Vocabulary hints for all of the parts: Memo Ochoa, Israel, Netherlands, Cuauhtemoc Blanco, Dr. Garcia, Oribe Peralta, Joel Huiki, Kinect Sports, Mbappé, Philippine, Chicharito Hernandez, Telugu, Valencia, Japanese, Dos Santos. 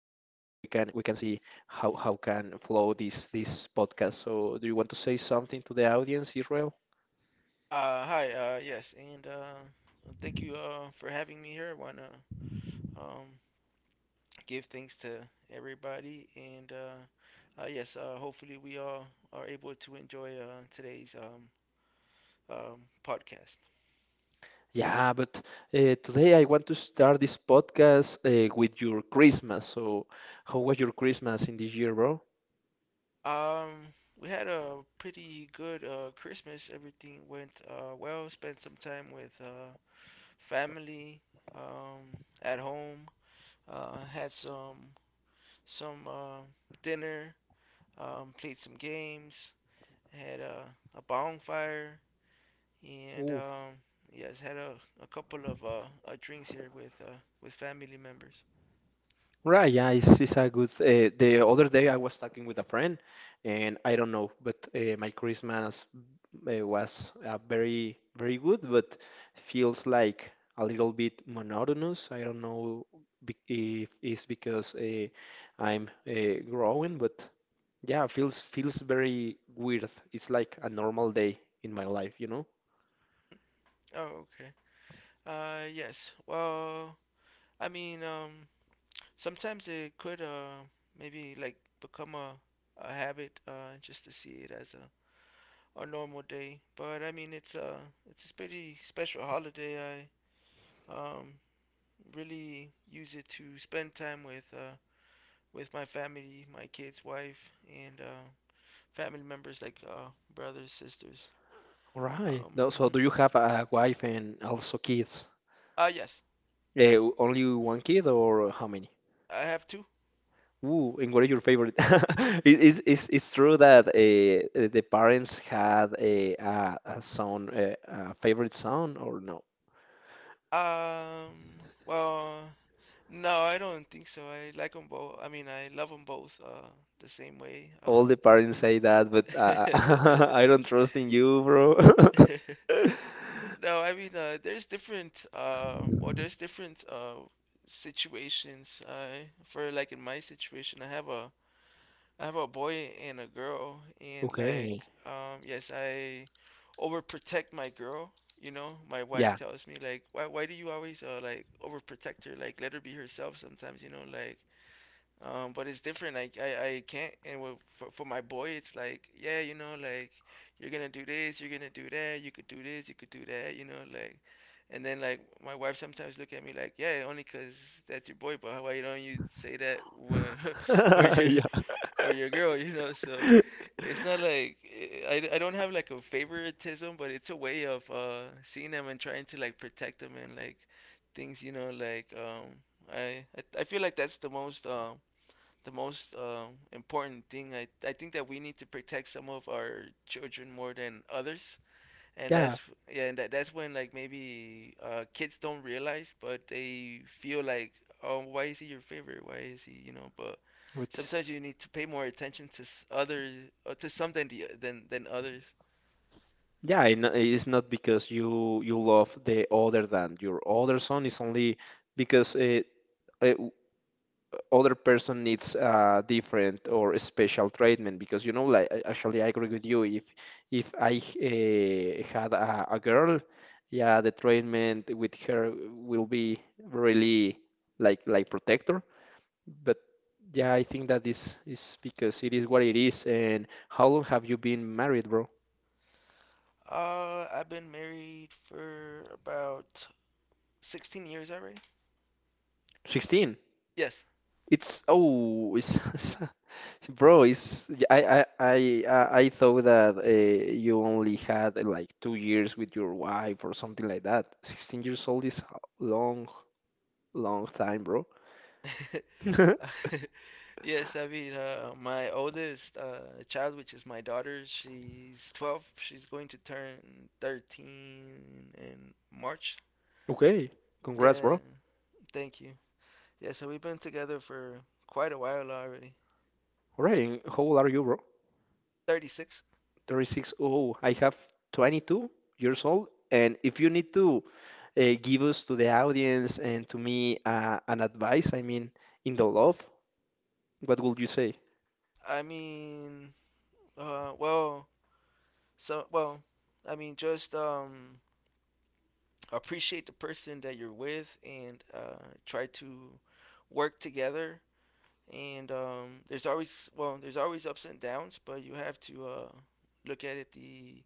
can we can see how can flow this podcast. So do you want to say something to the audience, Israel? Hi. Yes, and thank you for having me here. I want to um, give thanks to everybody, and yes, hopefully we all are able to enjoy today's podcast. Yeah, but today I want to start this podcast with your Christmas. So, how was your Christmas in this year, bro? Um, we had a pretty good Christmas. Everything went well. Spent some time with family at home. Had some some dinner. Played some games, had a bonfire, and Ooh. Yes, had a couple of drinks here with family members. Right, yeah, it's a good. The other day I was talking with a friend, and I don't know, but my Christmas was very, very good, but feels like a little bit monotonous. I don't know if it's because I'm growing, but. Yeah, feels very weird. It's like a normal day in my life, you know? Oh, okay. Yes. Well, I mean, sometimes it could maybe like become a habit just to see it as a normal day. But I mean, it's a pretty special holiday. I really use it to spend time with my family, my kids, wife, and family members like brothers, sisters. All right. No, so Mhm. do you have a wife and also kids? Yes, Eh, only one kid or how many? I have two. Ooh, and what is your favorite? It's true that the parents had a son, a favorite son, or no? Well, no, I don't think so. I like them both. I mean, I love them both the same way. All the parents say that, but I don't trust in you, bro. no, I mean, there's different. Well, there's different situations. I for like in my situation, I have a boy and a girl, and like, Okay. Yes, I overprotect my girl. You know, my wife Yeah. tells me like, why do you always like overprotect her? Like, let her be herself sometimes. You know, like, but it's different. Like I can't. And for my boy, it's like, yeah, you know, like you're gonna do this, you're gonna do that, you could do this, you could do that, you know, like. And then like my wife sometimes look at me like, yeah, only 'cause that's your boy, but why don't you say that when for your Yeah. for your girl, you know? So it's not like I don't have like a favoritism, but it's a way of seeing them and trying to like protect them and like things, you know, like I feel like that's the most important thing. I think that we need to protect some of our children more than others, and Yeah. that's yeah, and that's when like maybe kids don't realize, but they feel like, oh, why is he your favorite? Why is he you know? But With this. sometimes you need to pay more attention to others, to some than the than others. Yeah, and it's not because you love the other than your other son. It's only because uh other person needs different or special treatment. Because you know, actually, I agree with you. If I had a girl, yeah, the treatment with her will be really like protector. But yeah, I think that is because it is what it is. And how long have you been married, bro? I've been married for about 16 years already. 16. Yes. It's oh, it's, bro. It's I thought that you only had like 2 years with your wife or something like that. 16 years old is a long, long time, bro. yes, I mean, my oldest child, which is my daughter, she's 12. She's going to turn 13 in March. Okay, congrats, Yeah, bro. thank you. Yeah, so we've been together for quite a while already. All right, and how old are you, bro? 36. 36. Oh, I have 22 years old. And if you need to give us to the audience and to me an advice, I mean, in the love, what would you say? I mean, uh, well, well, I mean, just appreciate the person that you're with and try to work together and um, there's always ups and downs, but you have to look at it the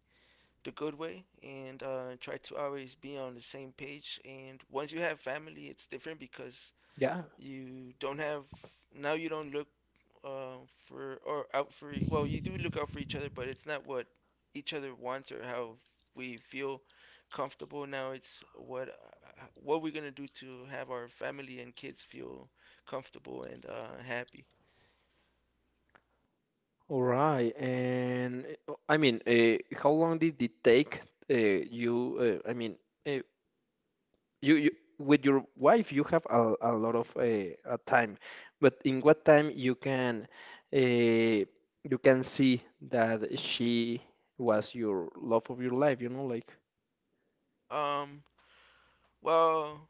good way and try to always be on the same page. And once you have family, it's different because Yeah. you don't have now you don't look uh, for or out for you do look out for each other, but it's not what each other wants or how we feel comfortable, now it's what we're gonna do to have our family and kids feel comfortable and happy. All right, and I mean, how long did it take you? I mean, uh, you with your wife, you have a lot of time, but in what time you can see that she was your love of your life? You know, like Um, well,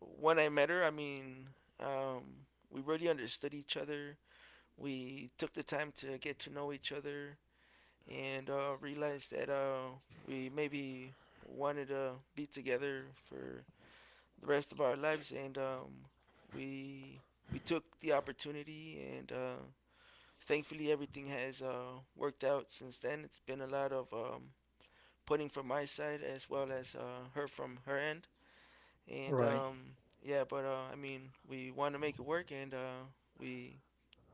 when I met her, I mean, we really understood each other. We took the time to get to know each other and realized that we maybe wanted to be together for the rest of our lives. And we we took the opportunity, and thankfully everything has worked out since then. It's been a lot of putting from my side as well as her from her end and right. Yeah, but I mean, we want to make it work, and we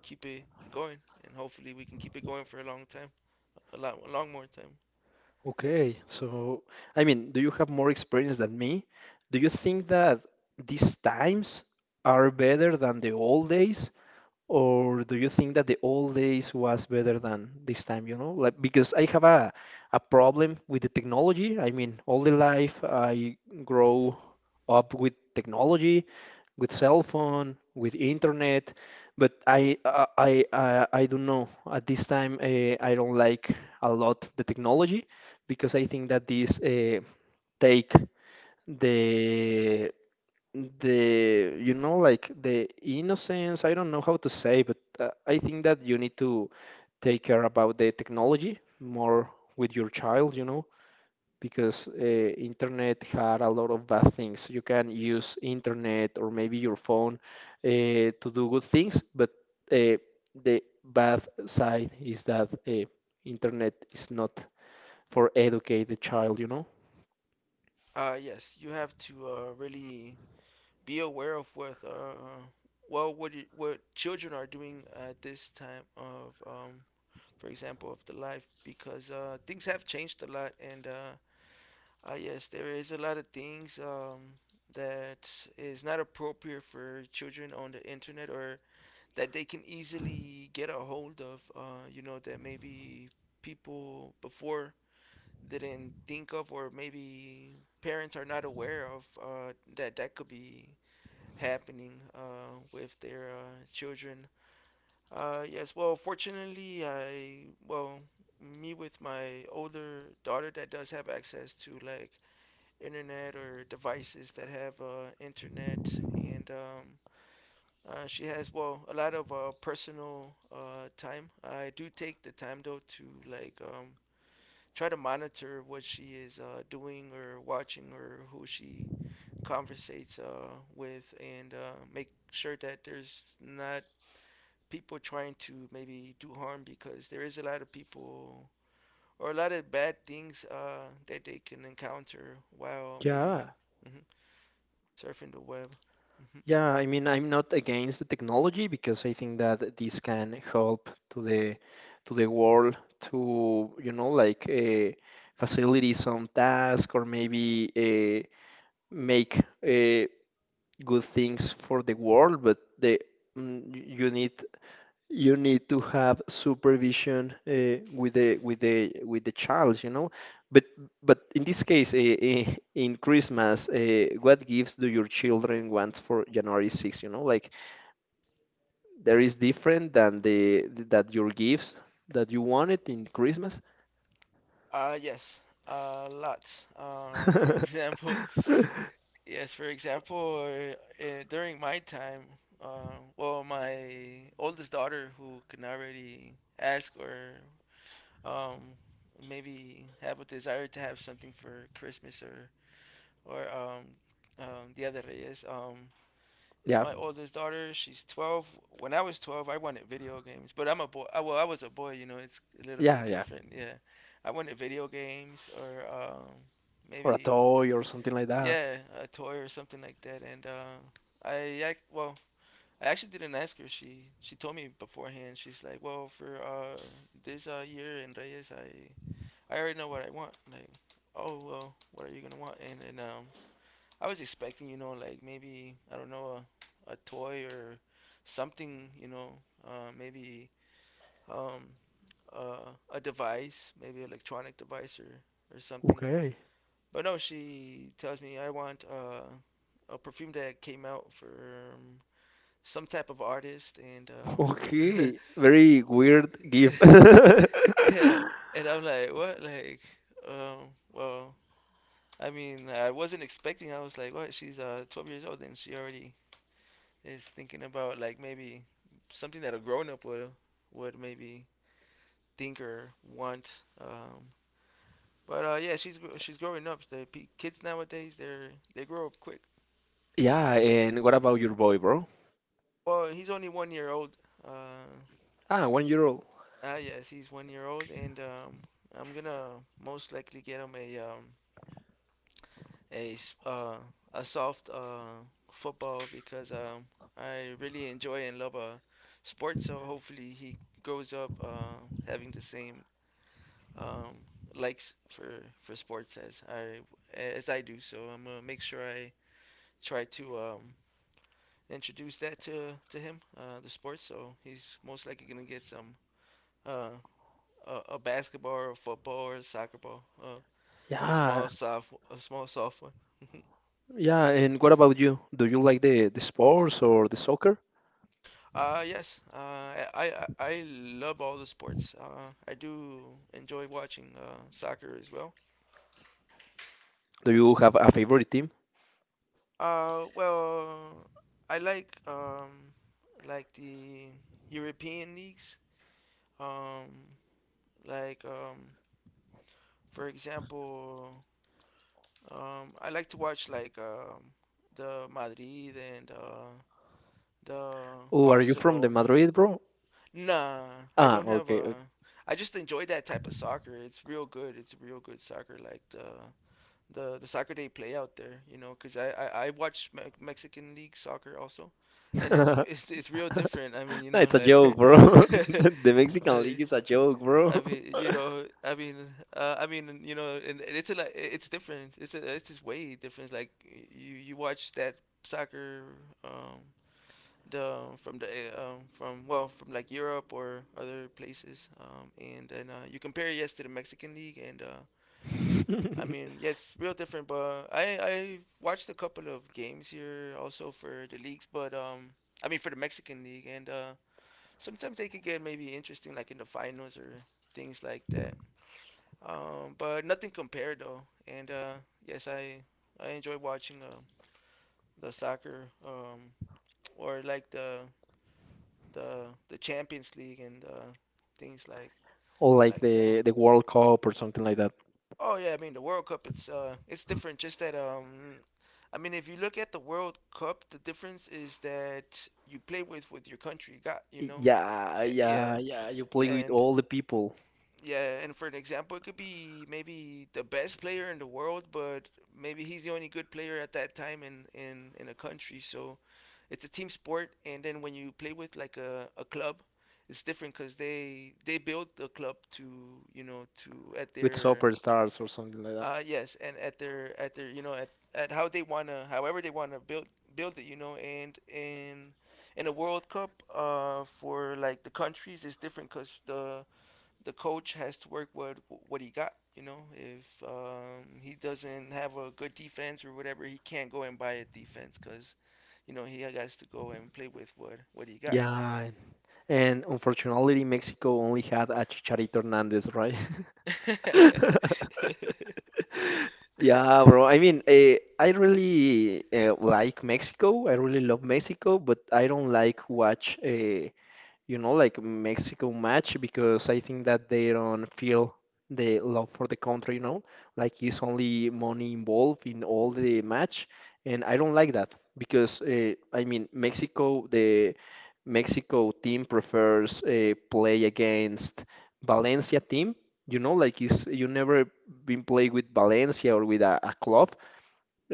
keep it going, and hopefully we can keep it going for a long time, a long more time. Okay, so I mean, do you have more experience than me? Do you think that these times are better than the old days? Or do you think that the old days was better than this time, you know? Like because I have a problem with the technology. I mean, all the life I grow up with technology, with cell phone, with internet, but I don't know. At this time, I don't like a lot the technology because I think that this take the the you know like the innocence. I don't know how to say, but I think that you need to take care about the technology more with your child, you know, because internet had a lot of bad things. You can use internet or maybe your phone uh, to do good things, but uh, the bad side is that internet is not for educate the child, you know. Yes, you have to really be aware of what you, what children are doing at this time of for example of the life because things have changed a lot and yes, there is a lot of things that is not appropriate for children on the internet or that they can easily get a hold of, you know, that maybe people before didn't think of, or maybe parents are not aware of that that could be happening with their children. Fortunately, me with my older daughter that does have access to like internet or devices that have internet and she has well a lot of personal time. I do take the time though to like try to monitor what she is doing or watching or who she conversates with, and make sure that there's not people trying to maybe do harm because there is a lot of people or a lot of bad things that they can encounter while Yeah. maybe mhm, surfing the web. Yeah, I mean, I'm not against the technology because I think that this can help to the world to, you know, like facilitate some task or maybe make good things for the world. But mm, y- you need you need to have supervision with the child, you know. But but in this case, in Christmas, what gifts do your children want for January 6th? You know, like there is different than the that your gifts that you wanted in Christmas. Yes, lots. For example, yes, for example, during my time, my oldest daughter, who can already ask or um, maybe have a desire to have something for Christmas or or um, Dia de Reyes, it's Yeah, my oldest daughter. She's 12. When I was 12, I wanted video games, but I'm a boy. I was a boy, you know. It's a little yeah, bit yeah. different. Yeah, I wanted video games or Or a maybe toy or something like that. yeah, a toy or something like that. And I well, I actually didn't ask her. She told me beforehand. She's like, well, for this year in Reyes, I already know what I want. Like, oh well, what are you gonna want? And I was expecting, you know, like maybe I don't know, a toy or something, you know, maybe um, a device, maybe an electronic device or something. Okay. But no, she tells me I want a perfume that came out for um, some type of artist, and Okay. Very weird gift. yeah, and I'm like, what, like, well. I mean, I wasn't expecting. I was like, "What? She's 12 years old, and she already is thinking about like maybe something that a grown up would maybe think or want. But yeah, she's growing up. The kids nowadays they grow up quick. Yeah, and what about your boy, bro? Well, he's only one year old. Uh, Ah, 1 year old. Yes, he's one year old, and I'm gonna most likely get him a a s- uh a soft football because I really enjoy and love sports. So hopefully he grows up having the same um, likes for sports as I do. So I'm gonna make sure I try to introduce that to him, the sports. So he's most likely gonna get some uh, a basketball, or a football, or a soccer ball, a Yeah, small soft, a small soft one. yeah. And what about you? Do you like the sports or the soccer? Yes I I love all the sports I do enjoy watching soccer as well. Do you have a favorite team? Uh, well, I like the European leagues. Um, like um, for example, I like to watch like the Madrid and the Oh, are you from the Barcelona. Madrid, bro? Nah, I Ah, don't have okay. a. Okay. I just enjoy that type of soccer. It's real good. It's real good soccer, like the soccer they play out there, you know, because I watch Me- Mexican league soccer also, and it's it's real different. I mean, you No, know, it's a joke, like bro. The I Mexican mean, League is a joke, bro. I mean, you know, I mean, you know, and it's a lot- it's different. It's just way different. Like you watch that soccer um the from the from like Europe or other places and then you compare yes to the Mexican league and I mean, yeah, it's real different. But I watched a couple of games here also for the leagues, but I mean for the Mexican league, and sometimes they could get maybe interesting, like in the finals or things like that. But nothing compared though. And yes, I enjoy watching the soccer or like the Champions League and things Or like like that. The World Cup or something like that. Oh yeah, I mean the World Cup. It's different. Just that I mean if you look at the World Cup, the difference is that you play with your country. Yeah, Eh, yeah, yeah, yeah. You play with and all the people. yeah, and for an example, it could be maybe the best player in the world, but maybe he's the only good player at that time in a country. So it's a team sport, and then when you play with like a club. It's different because they build the club to to at With their superstars or something like that. Yes, and at their at how they wanna however they wanna build it. And in a World Cup for like the countries is different because the coach has to work with what he got. If he doesn't have a good defense or whatever, he can't go and buy a defense because he has to go and play with what he got. Yeah, and unfortunately, Mexico only had a Chicharito Hernandez, right? Yeah, bro. I mean, I really like Mexico. I really love Mexico, but I don't like watch you know, like Mexico match because I think that they don't feel the love for the country, you know, like it's only money involved in all the match, and I don't like that because I mean Mexico, the Mexico team prefers play against Valencia team, you know, like it's you never been played with Valencia or with a club,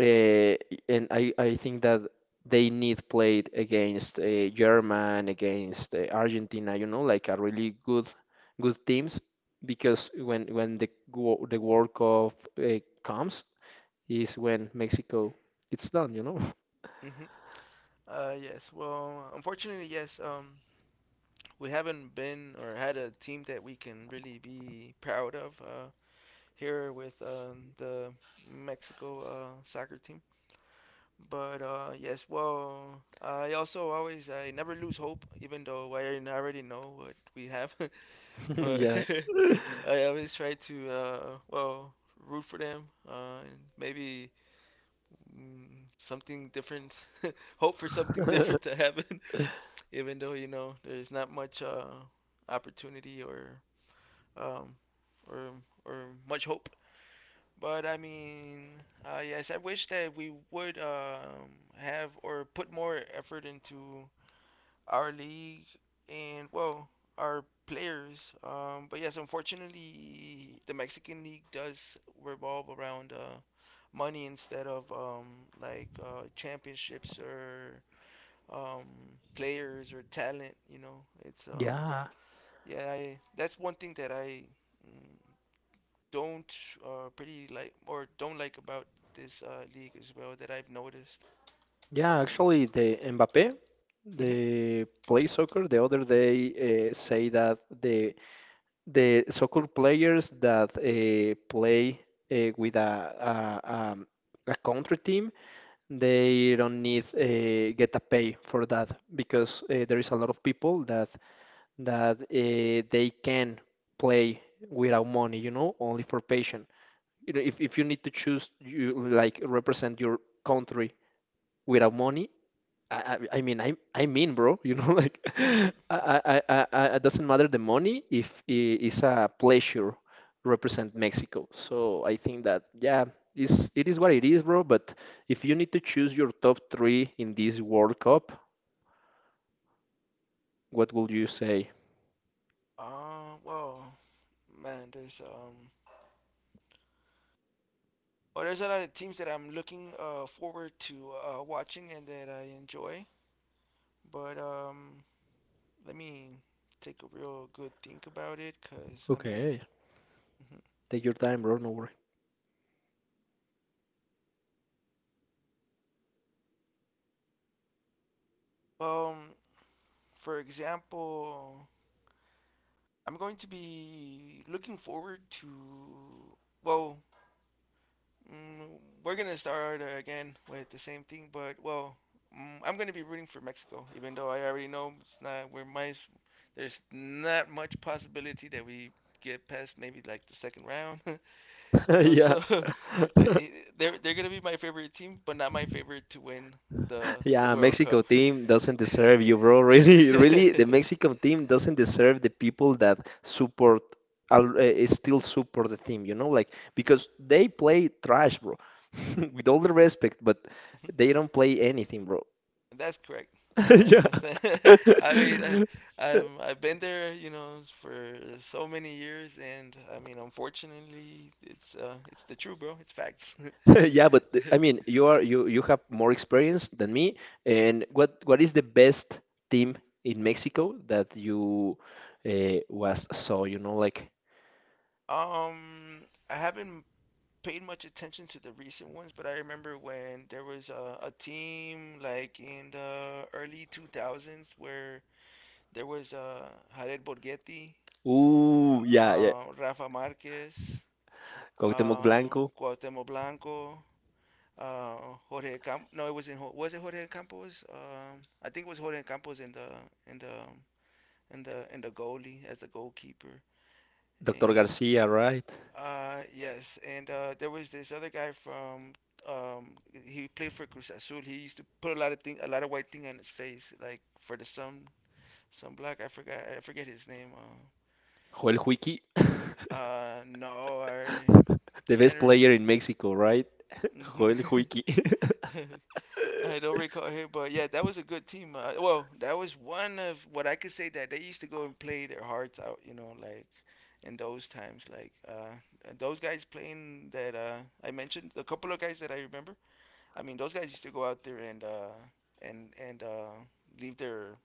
uh, and I think that they need played against German, against Argentina, you know, like a really good good teams, because when the World Cup comes is when Mexico it's done, you know. hmm yes. Well, unfortunately, yes. We haven't been or had a team that we can really be proud of here with the Mexico soccer team. But yes, well, I also always I never lose hope, even though I already know what we have. but Yeah. I always try to well, root for them. And maybe something different, hope for something different to happen, even though you know there's not much opportunity or um, or much hope. But I mean, yes, I wish that we would have or put more effort into our league and, well, our players. But yes, unfortunately, the Mexican league does revolve around money instead of championships or players or talent. You know, it's Yeah. yeah, that's one thing that I mm, don't pretty like or don't like about this league as well that I've noticed. Yeah, actually the Mbappé, Mhm. the play soccer the other day say that the soccer players that play uh, with a, a, um, a country team, they don't need get a pay for that because there is a lot of people that that uh, they can play without money, you know, only for passion. You know, if you need to choose, you like represent your country without money, I mean, bro, you know, like, Mhm. I, it doesn't matter the money if it's a pleasure represent Mexico. So I think that, yeah, it's, it is what it is, bro. But if you need to choose your top three in this World Cup, what will you say? Uh, well, man, there's um, well, there's a lot of teams that I'm looking forward to watching and that I enjoy. But let me take a real good think about it, cause I mean, Okay, mhm. take your time, bro, no worry. um, for example, I'm going to be looking forward to, well, Mm, we're gonna start again with the same thing, but, well, I'm gonna be rooting for Mexico, even though I already know it's not. There's not much possibility that we get past maybe like the second round, you know. Yeah. So they they're gonna be my favorite team, but not my favorite to win the Yeah, World Mexico Cup. team doesn't deserve you, bro. Really, really, the Mexico team doesn't deserve the people that support, still support the team, you know, like because they play trash, bro. With all the respect, but they don't play anything, bro. That's correct. I Yeah. understand. I mean, I, I'm, I've been there, you know, for so many years, and I mean, unfortunately, it's the truth, bro. It's facts. Yeah, but I mean, you are you you have more experience than me. And what is the best team in Mexico that you was saw? You know, like. um, I haven't paid much attention to the recent ones, but I remember when there was a team like in the early 2000s where there was Jared Borghetti, Ooh, yeah, yeah. Rafa Marquez, Cuauhtemoc uh, Blanco, Cuauhtemoc Blanco, Jorge Camp. No, it was in was it Jorge Campos? I think it was Jorge Campos in the in the in the goalie as the goalkeeper. Dr. And Garcia, right? Yes, and there was this other guy from he played for Cruz Azul. He used to put a lot of thing, a lot of white thing on his face, like for the sun, some black. I forget his name. Joel Huiki, No, I the best can't player in Mexico, right? Joel Huiki. re- I don't recall here, but yeah, that was a good team. Well, that was one of what I could say that they used to go and play their hearts out, you know, like in those times, like those guys playing that I mentioned, a couple of guys that I remember. I mean, those guys used to go out there and and and uh, leave their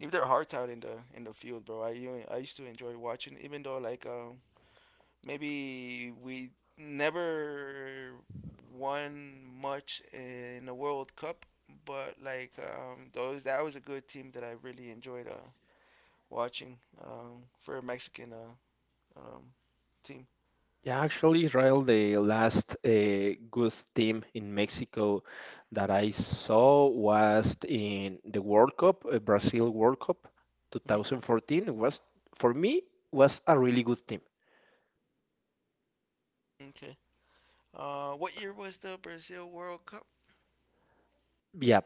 leave their hearts out in the field, bro. I used to enjoy watching, even though like maybe we never won much in the World Cup, but like those that was a good team that I really enjoyed watching for a Mexican um, team. Yeah, actually, Israel, the last good team in Mexico that I saw was in the World Cup, Brazil World Cup Mm-hmm, mm-hmm, 2014. It was, for me, was a really good team. okay. What year was the Brazil World Cup? Yeah,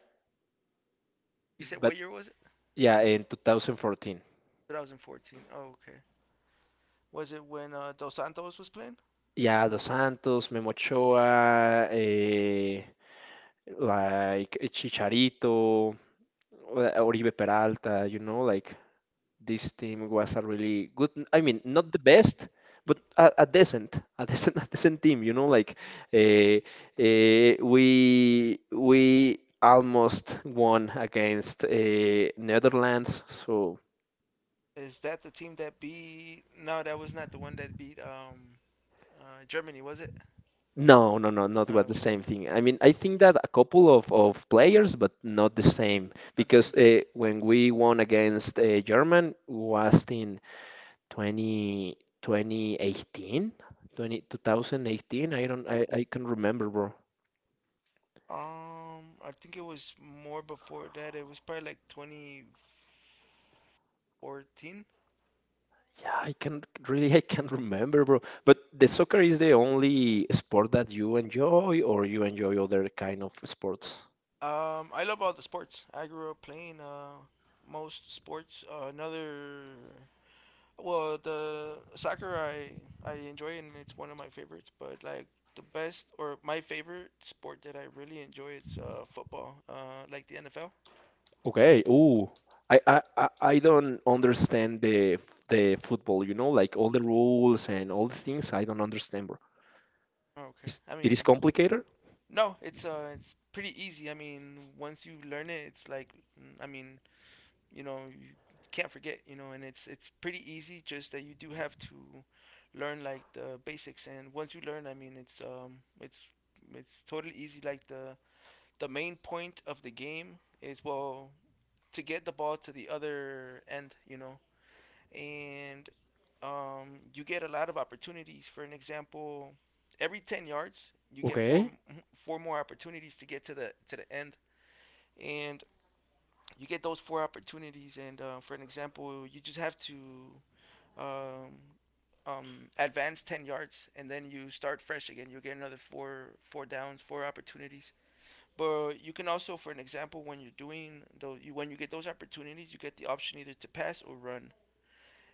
You said but what year was it? yeah, in 2014. 2014. Oh, okay. Was it when Dos Santos was playing? Yeah, Dos Santos, Memo Ochoa, like Chicharito, Oribe Peralta, you know, like this team was a really good, I mean, not the best, but a decent, a decent team, you know, like uh, we almost won against Netherlands, so. Is that the team that beat? No, that was not the one that beat Germany, was it? No, no, no, not Oh, what the okay. same thing. I mean, I think that a couple of players, but not the same. Not the same Because team. When we won against German was in 20, 2018, I don't, I can remember, bro. I think it was more before that. It was probably like 2014. Yeah, I can really, I can remember, bro. But the soccer is the only sport that you enjoy, or you enjoy other kind of sports? I love all the sports. I grew up playing most sports. The soccer I enjoy, and it's one of my favorites. But like the best or my favorite sport that I really enjoy is football. Like the NFL. Okay. Ooh, I don't understand the football. You know, like all the rules and all the things. I don't understand, bro. Okay. Is I it is mean, complicated? no, it's pretty easy. I mean, once you learn it, it's like I mean, you know, you can't forget, you know, and it's pretty easy. Just that you do have to learn like the basics, and once you learn, I mean, it's totally easy. Like the main point of the game is, well, to get the ball to the other end, you know. And you get a lot of opportunities. For an example, every 10 yards you get four Okay. More opportunities to get to the end. And you get those four opportunities, and for an example, you just have to um, um, advance 10 yards, and then you start fresh again. You get another four downs, four opportunities. But you can also, for an example, when you're doing though, you, when you get those opportunities, you get the option either to pass or run.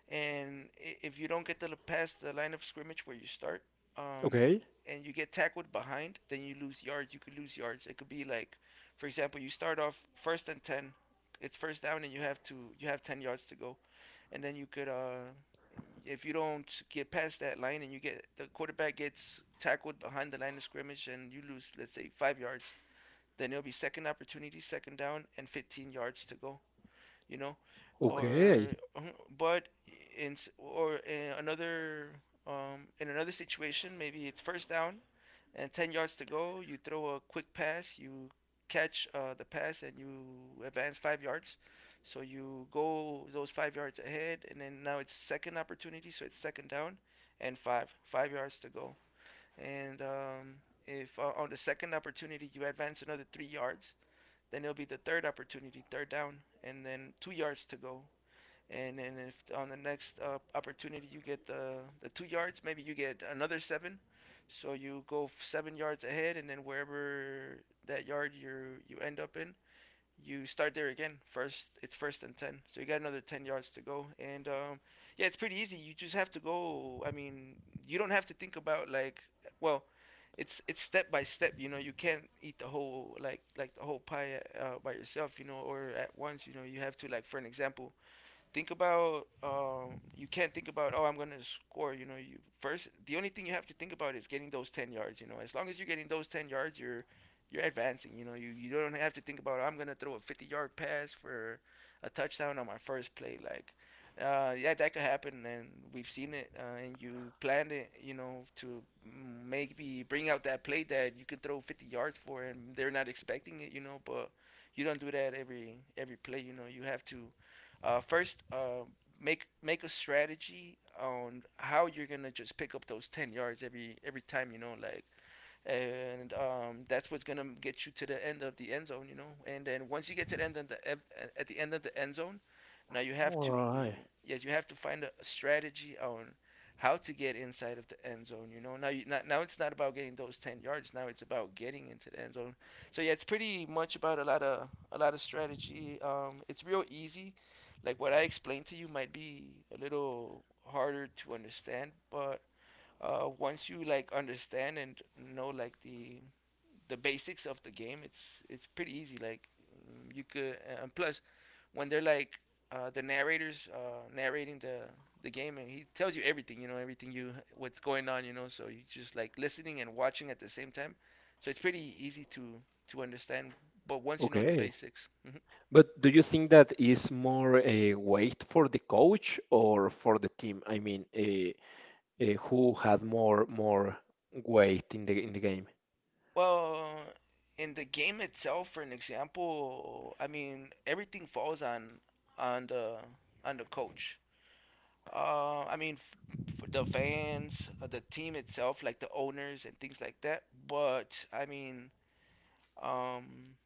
And if you don't get to the past the line of scrimmage where you start, um, Okay. and you get tackled behind, then you lose yards. You could lose yards. It could be like, for example, you start off first and ten. It's first down, and you have 10 yards to go, and then you could if you don't get past that line and you get the quarterback gets tackled behind the line of scrimmage and you lose, let's say, 5 yards, then it'll be second opportunity, second down, and 15 yards to go, you know, or Okay. uh-huh, but in or in another situation, maybe it's first down and 10 yards to go. You throw a quick pass, you catch the pass, and you advance 5 yards. So you go those 5 yards ahead, and then now it's second opportunity, so it's second down and 5 yards to go. And if on the second opportunity you advance another 3 yards, then it'll be the third opportunity, third down, and then 2 yards to go. And then if on the next opportunity you get the 2 yards, maybe you get another seven. So you go 7 yards ahead, and then wherever that yard you end up in, you start there again. First, it's first and ten, so you got another 10 yards to go. And yeah, it's pretty easy. You just have to go. I mean, you don't have to think about like, well, it's step by step. You know, you can't eat the whole like the whole pie by yourself, you know, or at once. You know, you have to, like, for an example, think about you can't think about, oh, I'm gonna score. You know, you first the only thing you have to think about is getting those 10 yards. You know, as long as you're getting those 10 yards, you're advancing. You know, you don't have to think about, oh, I'm gonna throw a 50-yard pass for a touchdown on my first play. Like, yeah, that could happen, and we've seen it. And you planned it, you know, to maybe bring out that play that you could throw 50 yards for, and they're not expecting it. You know, but you don't do that every play. You know, you have to uh, first, uh, make a strategy on how you're gonna just pick up those 10 yards every time. You know, like, and that's what's gonna get you to the end of the end zone, you know. And then once you get to the end of the e- at the end of the end zone, now you have All to, right. yes, you have to find a strategy on how to get inside of the end zone. You know, now you not, now it's not about getting those 10 yards. Now it's about getting into the end zone. So yeah, it's pretty much about a lot of strategy. It's real easy. Like what I explained to you might be a little harder to understand, but once you like understand and know like the basics of the game, it's pretty easy. Like you could, and plus when they're like the narrators narrating the game, and he tells you everything, you know, everything you what's going on, you know. So you just like listening and watching at the same time. So it's pretty easy to understand. But once you know the Okay. basics. Mhm. But do you think that is more a weight for the coach or for the team? I mean, who had more more weight in the game? Well, in the game itself, for an example, I mean everything falls on on the on the coach. I mean the fans, the team itself, like the owners and things like that. But um,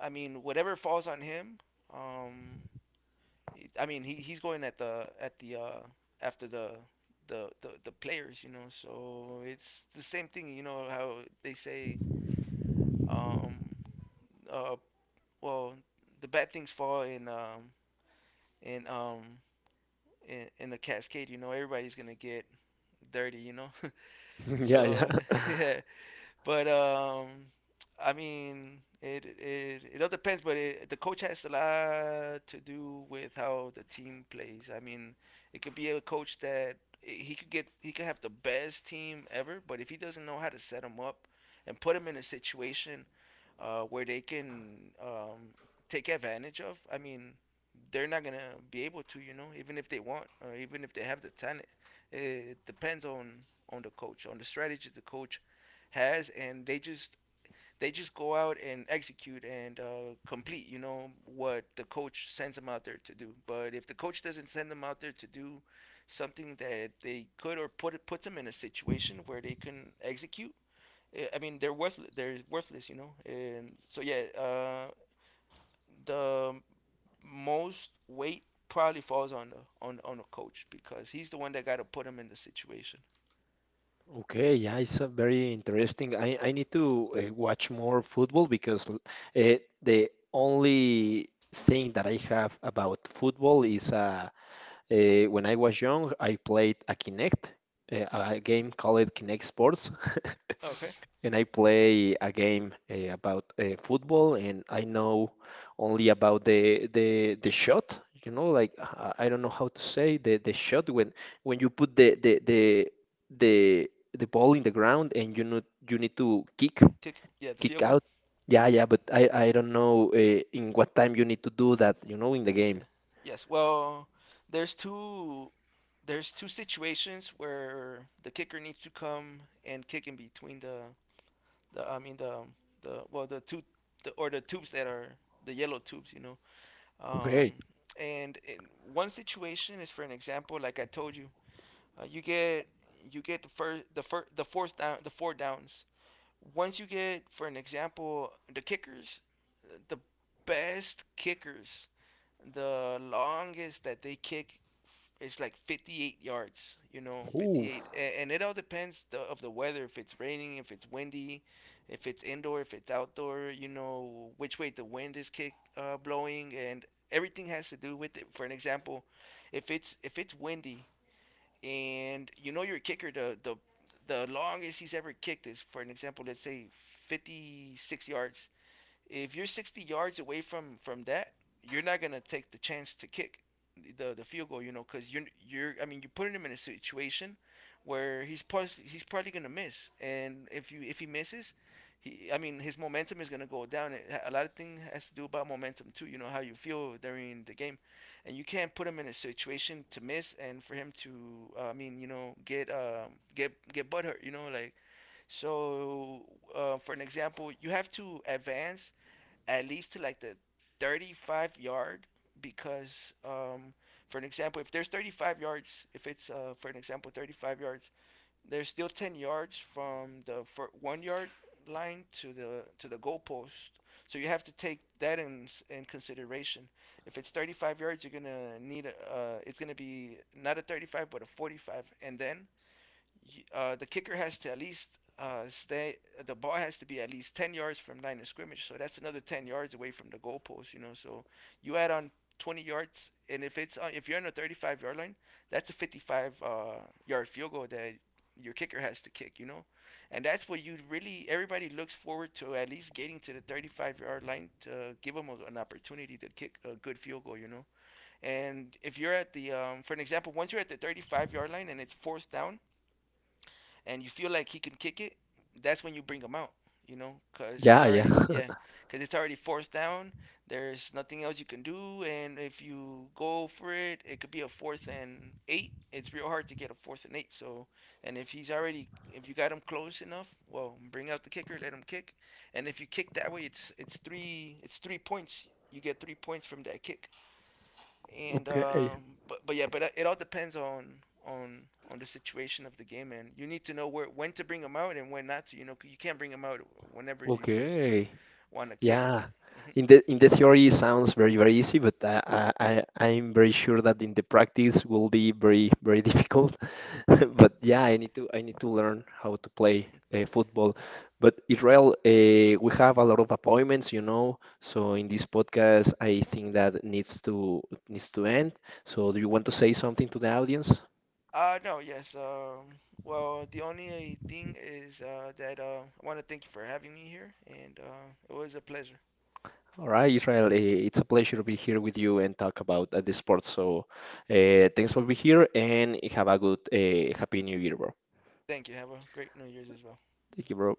I mean whatever falls on him, um, I mean he's going at the after the players, you know. So it's the same thing. You know how they say, um, uh, well, the bad things fall in um in the cascade. You know, everybody's gonna get dirty. You know, Yeah. so Yeah. yeah. But I mean, it all depends. But it, the coach has a lot to do with how the team plays. I mean, it could be a coach that he could have the best team ever, but if he doesn't know how to set them up and put them in a situation where they can take advantage of, I mean, they're not gonna be able to, you know, even if they want, even if they have the talent. It depends on the coach, on the strategy the coach has, and they just go out and execute and complete, you know, what the coach sends them out there to do. But if the coach doesn't send them out there to do something that they could, or puts them in a situation where they can execute, I mean, they're worthless. They're worthless, you know. And so yeah, the most weight probably falls on the coach because he's the one that got to put him in the situation. Okay, yeah, it's a very interesting. I need to watch more football because the only thing that I have about football is when I was young, I played a Kinect, a game called Kinect Sports. Okay, And I play a game about football, and I know only about the shot. You know, like I don't know how to say the shot when you put the ball in the ground, and you need to kick. kick. Yeah, the Kick field goal. out. Yeah, yeah, but I don't know in what time you need to do that. You know, in the game. Okay. Yes. Well, there's two there's two situations where the kicker needs to come and kick in between the I mean the well the two the, or the tubes that are the yellow tubes, you know. Okay. Um, and in one situation is, for an example, like I told you, uh, you get you get the four downs. Once you get, for an example, the kickers, the best kickers, the longest that they kick is like 58 yards, you know, Ooh. 58. And it all depends of the weather: if it's raining, if it's windy, if it's indoor, if it's outdoor, you know, which way the wind is kick blowing, and everything has to do with it. For an example, if it's windy and you know your kicker, the longest he's ever kicked is, for an example, let's say 56 yards, if you're 60 yards away from that, you're not gonna take the chance to kick the field goal, you know, because you're I mean you're putting him in a situation where he's probably gonna miss. And if you if he misses, he I mean his momentum is gonna go down. It, a lot of things has to do about momentum too, you know, how you feel during the game, and you can't put him in a situation to miss and for him to I mean, you know, get get butthurt, you know, like. So, for an example, you have to advance at least to like the 35 yard, because for an example, if there's 35 yards, if it's for an example 35 yards, there's still 10 yards from one yard line to the goalpost. So you have to take that in consideration. If it's 35 yards, you're gonna need a, it's gonna be not a 35 but a 45. And then the kicker has to at least stay. The ball has to be at least 10 yards from line of scrimmage. So that's another 10 yards away from the goalpost. You know, so you add on 20 yards, and if you're on a 35 yard line, that's a 55 yard field goal that your kicker has to kick. You know, and that's what you really everybody looks forward to, at least getting to the 35-yard line, to give them a, an opportunity to kick a good field goal, you know. And if you're at the for an example, once you're at the 35-yard line and it's fourth down, and you feel like he can kick it, that's when you bring him out. You know, cause it's Yeah, yeah. already, yeah, cause it's already fourth down. There's nothing else you can do, and if you go for it, it could be a fourth and eight. It's real hard to get a fourth and eight. So, and if he's already, if you got him close enough, well, bring out the kicker, let him kick. And if you kick that way, it's 3 points. You get 3 points from that kick, and Okay. But yeah, but it all depends on on on the situation of the game, and you need to know where when to bring them out and when not to. You know, you can't bring them out whenever you just Okay. want to kick. Yeah, in the theory it sounds very very easy, but I'm very sure that in the practice will be very very difficult. But yeah, I need to learn how to play football. But Israel, we have a lot of appointments, you know. So in this podcast, I think that needs to needs to end. So do you want to say something to the audience? No, yes. Well, the only thing is that I want to thank you for having me here, and it was a pleasure. All right, Israel, it's a pleasure to be here with you and talk about the sport. So, thanks for being here and have a good, happy new year, bro. Thank you. Have a great New Year's as well. Thank you, bro.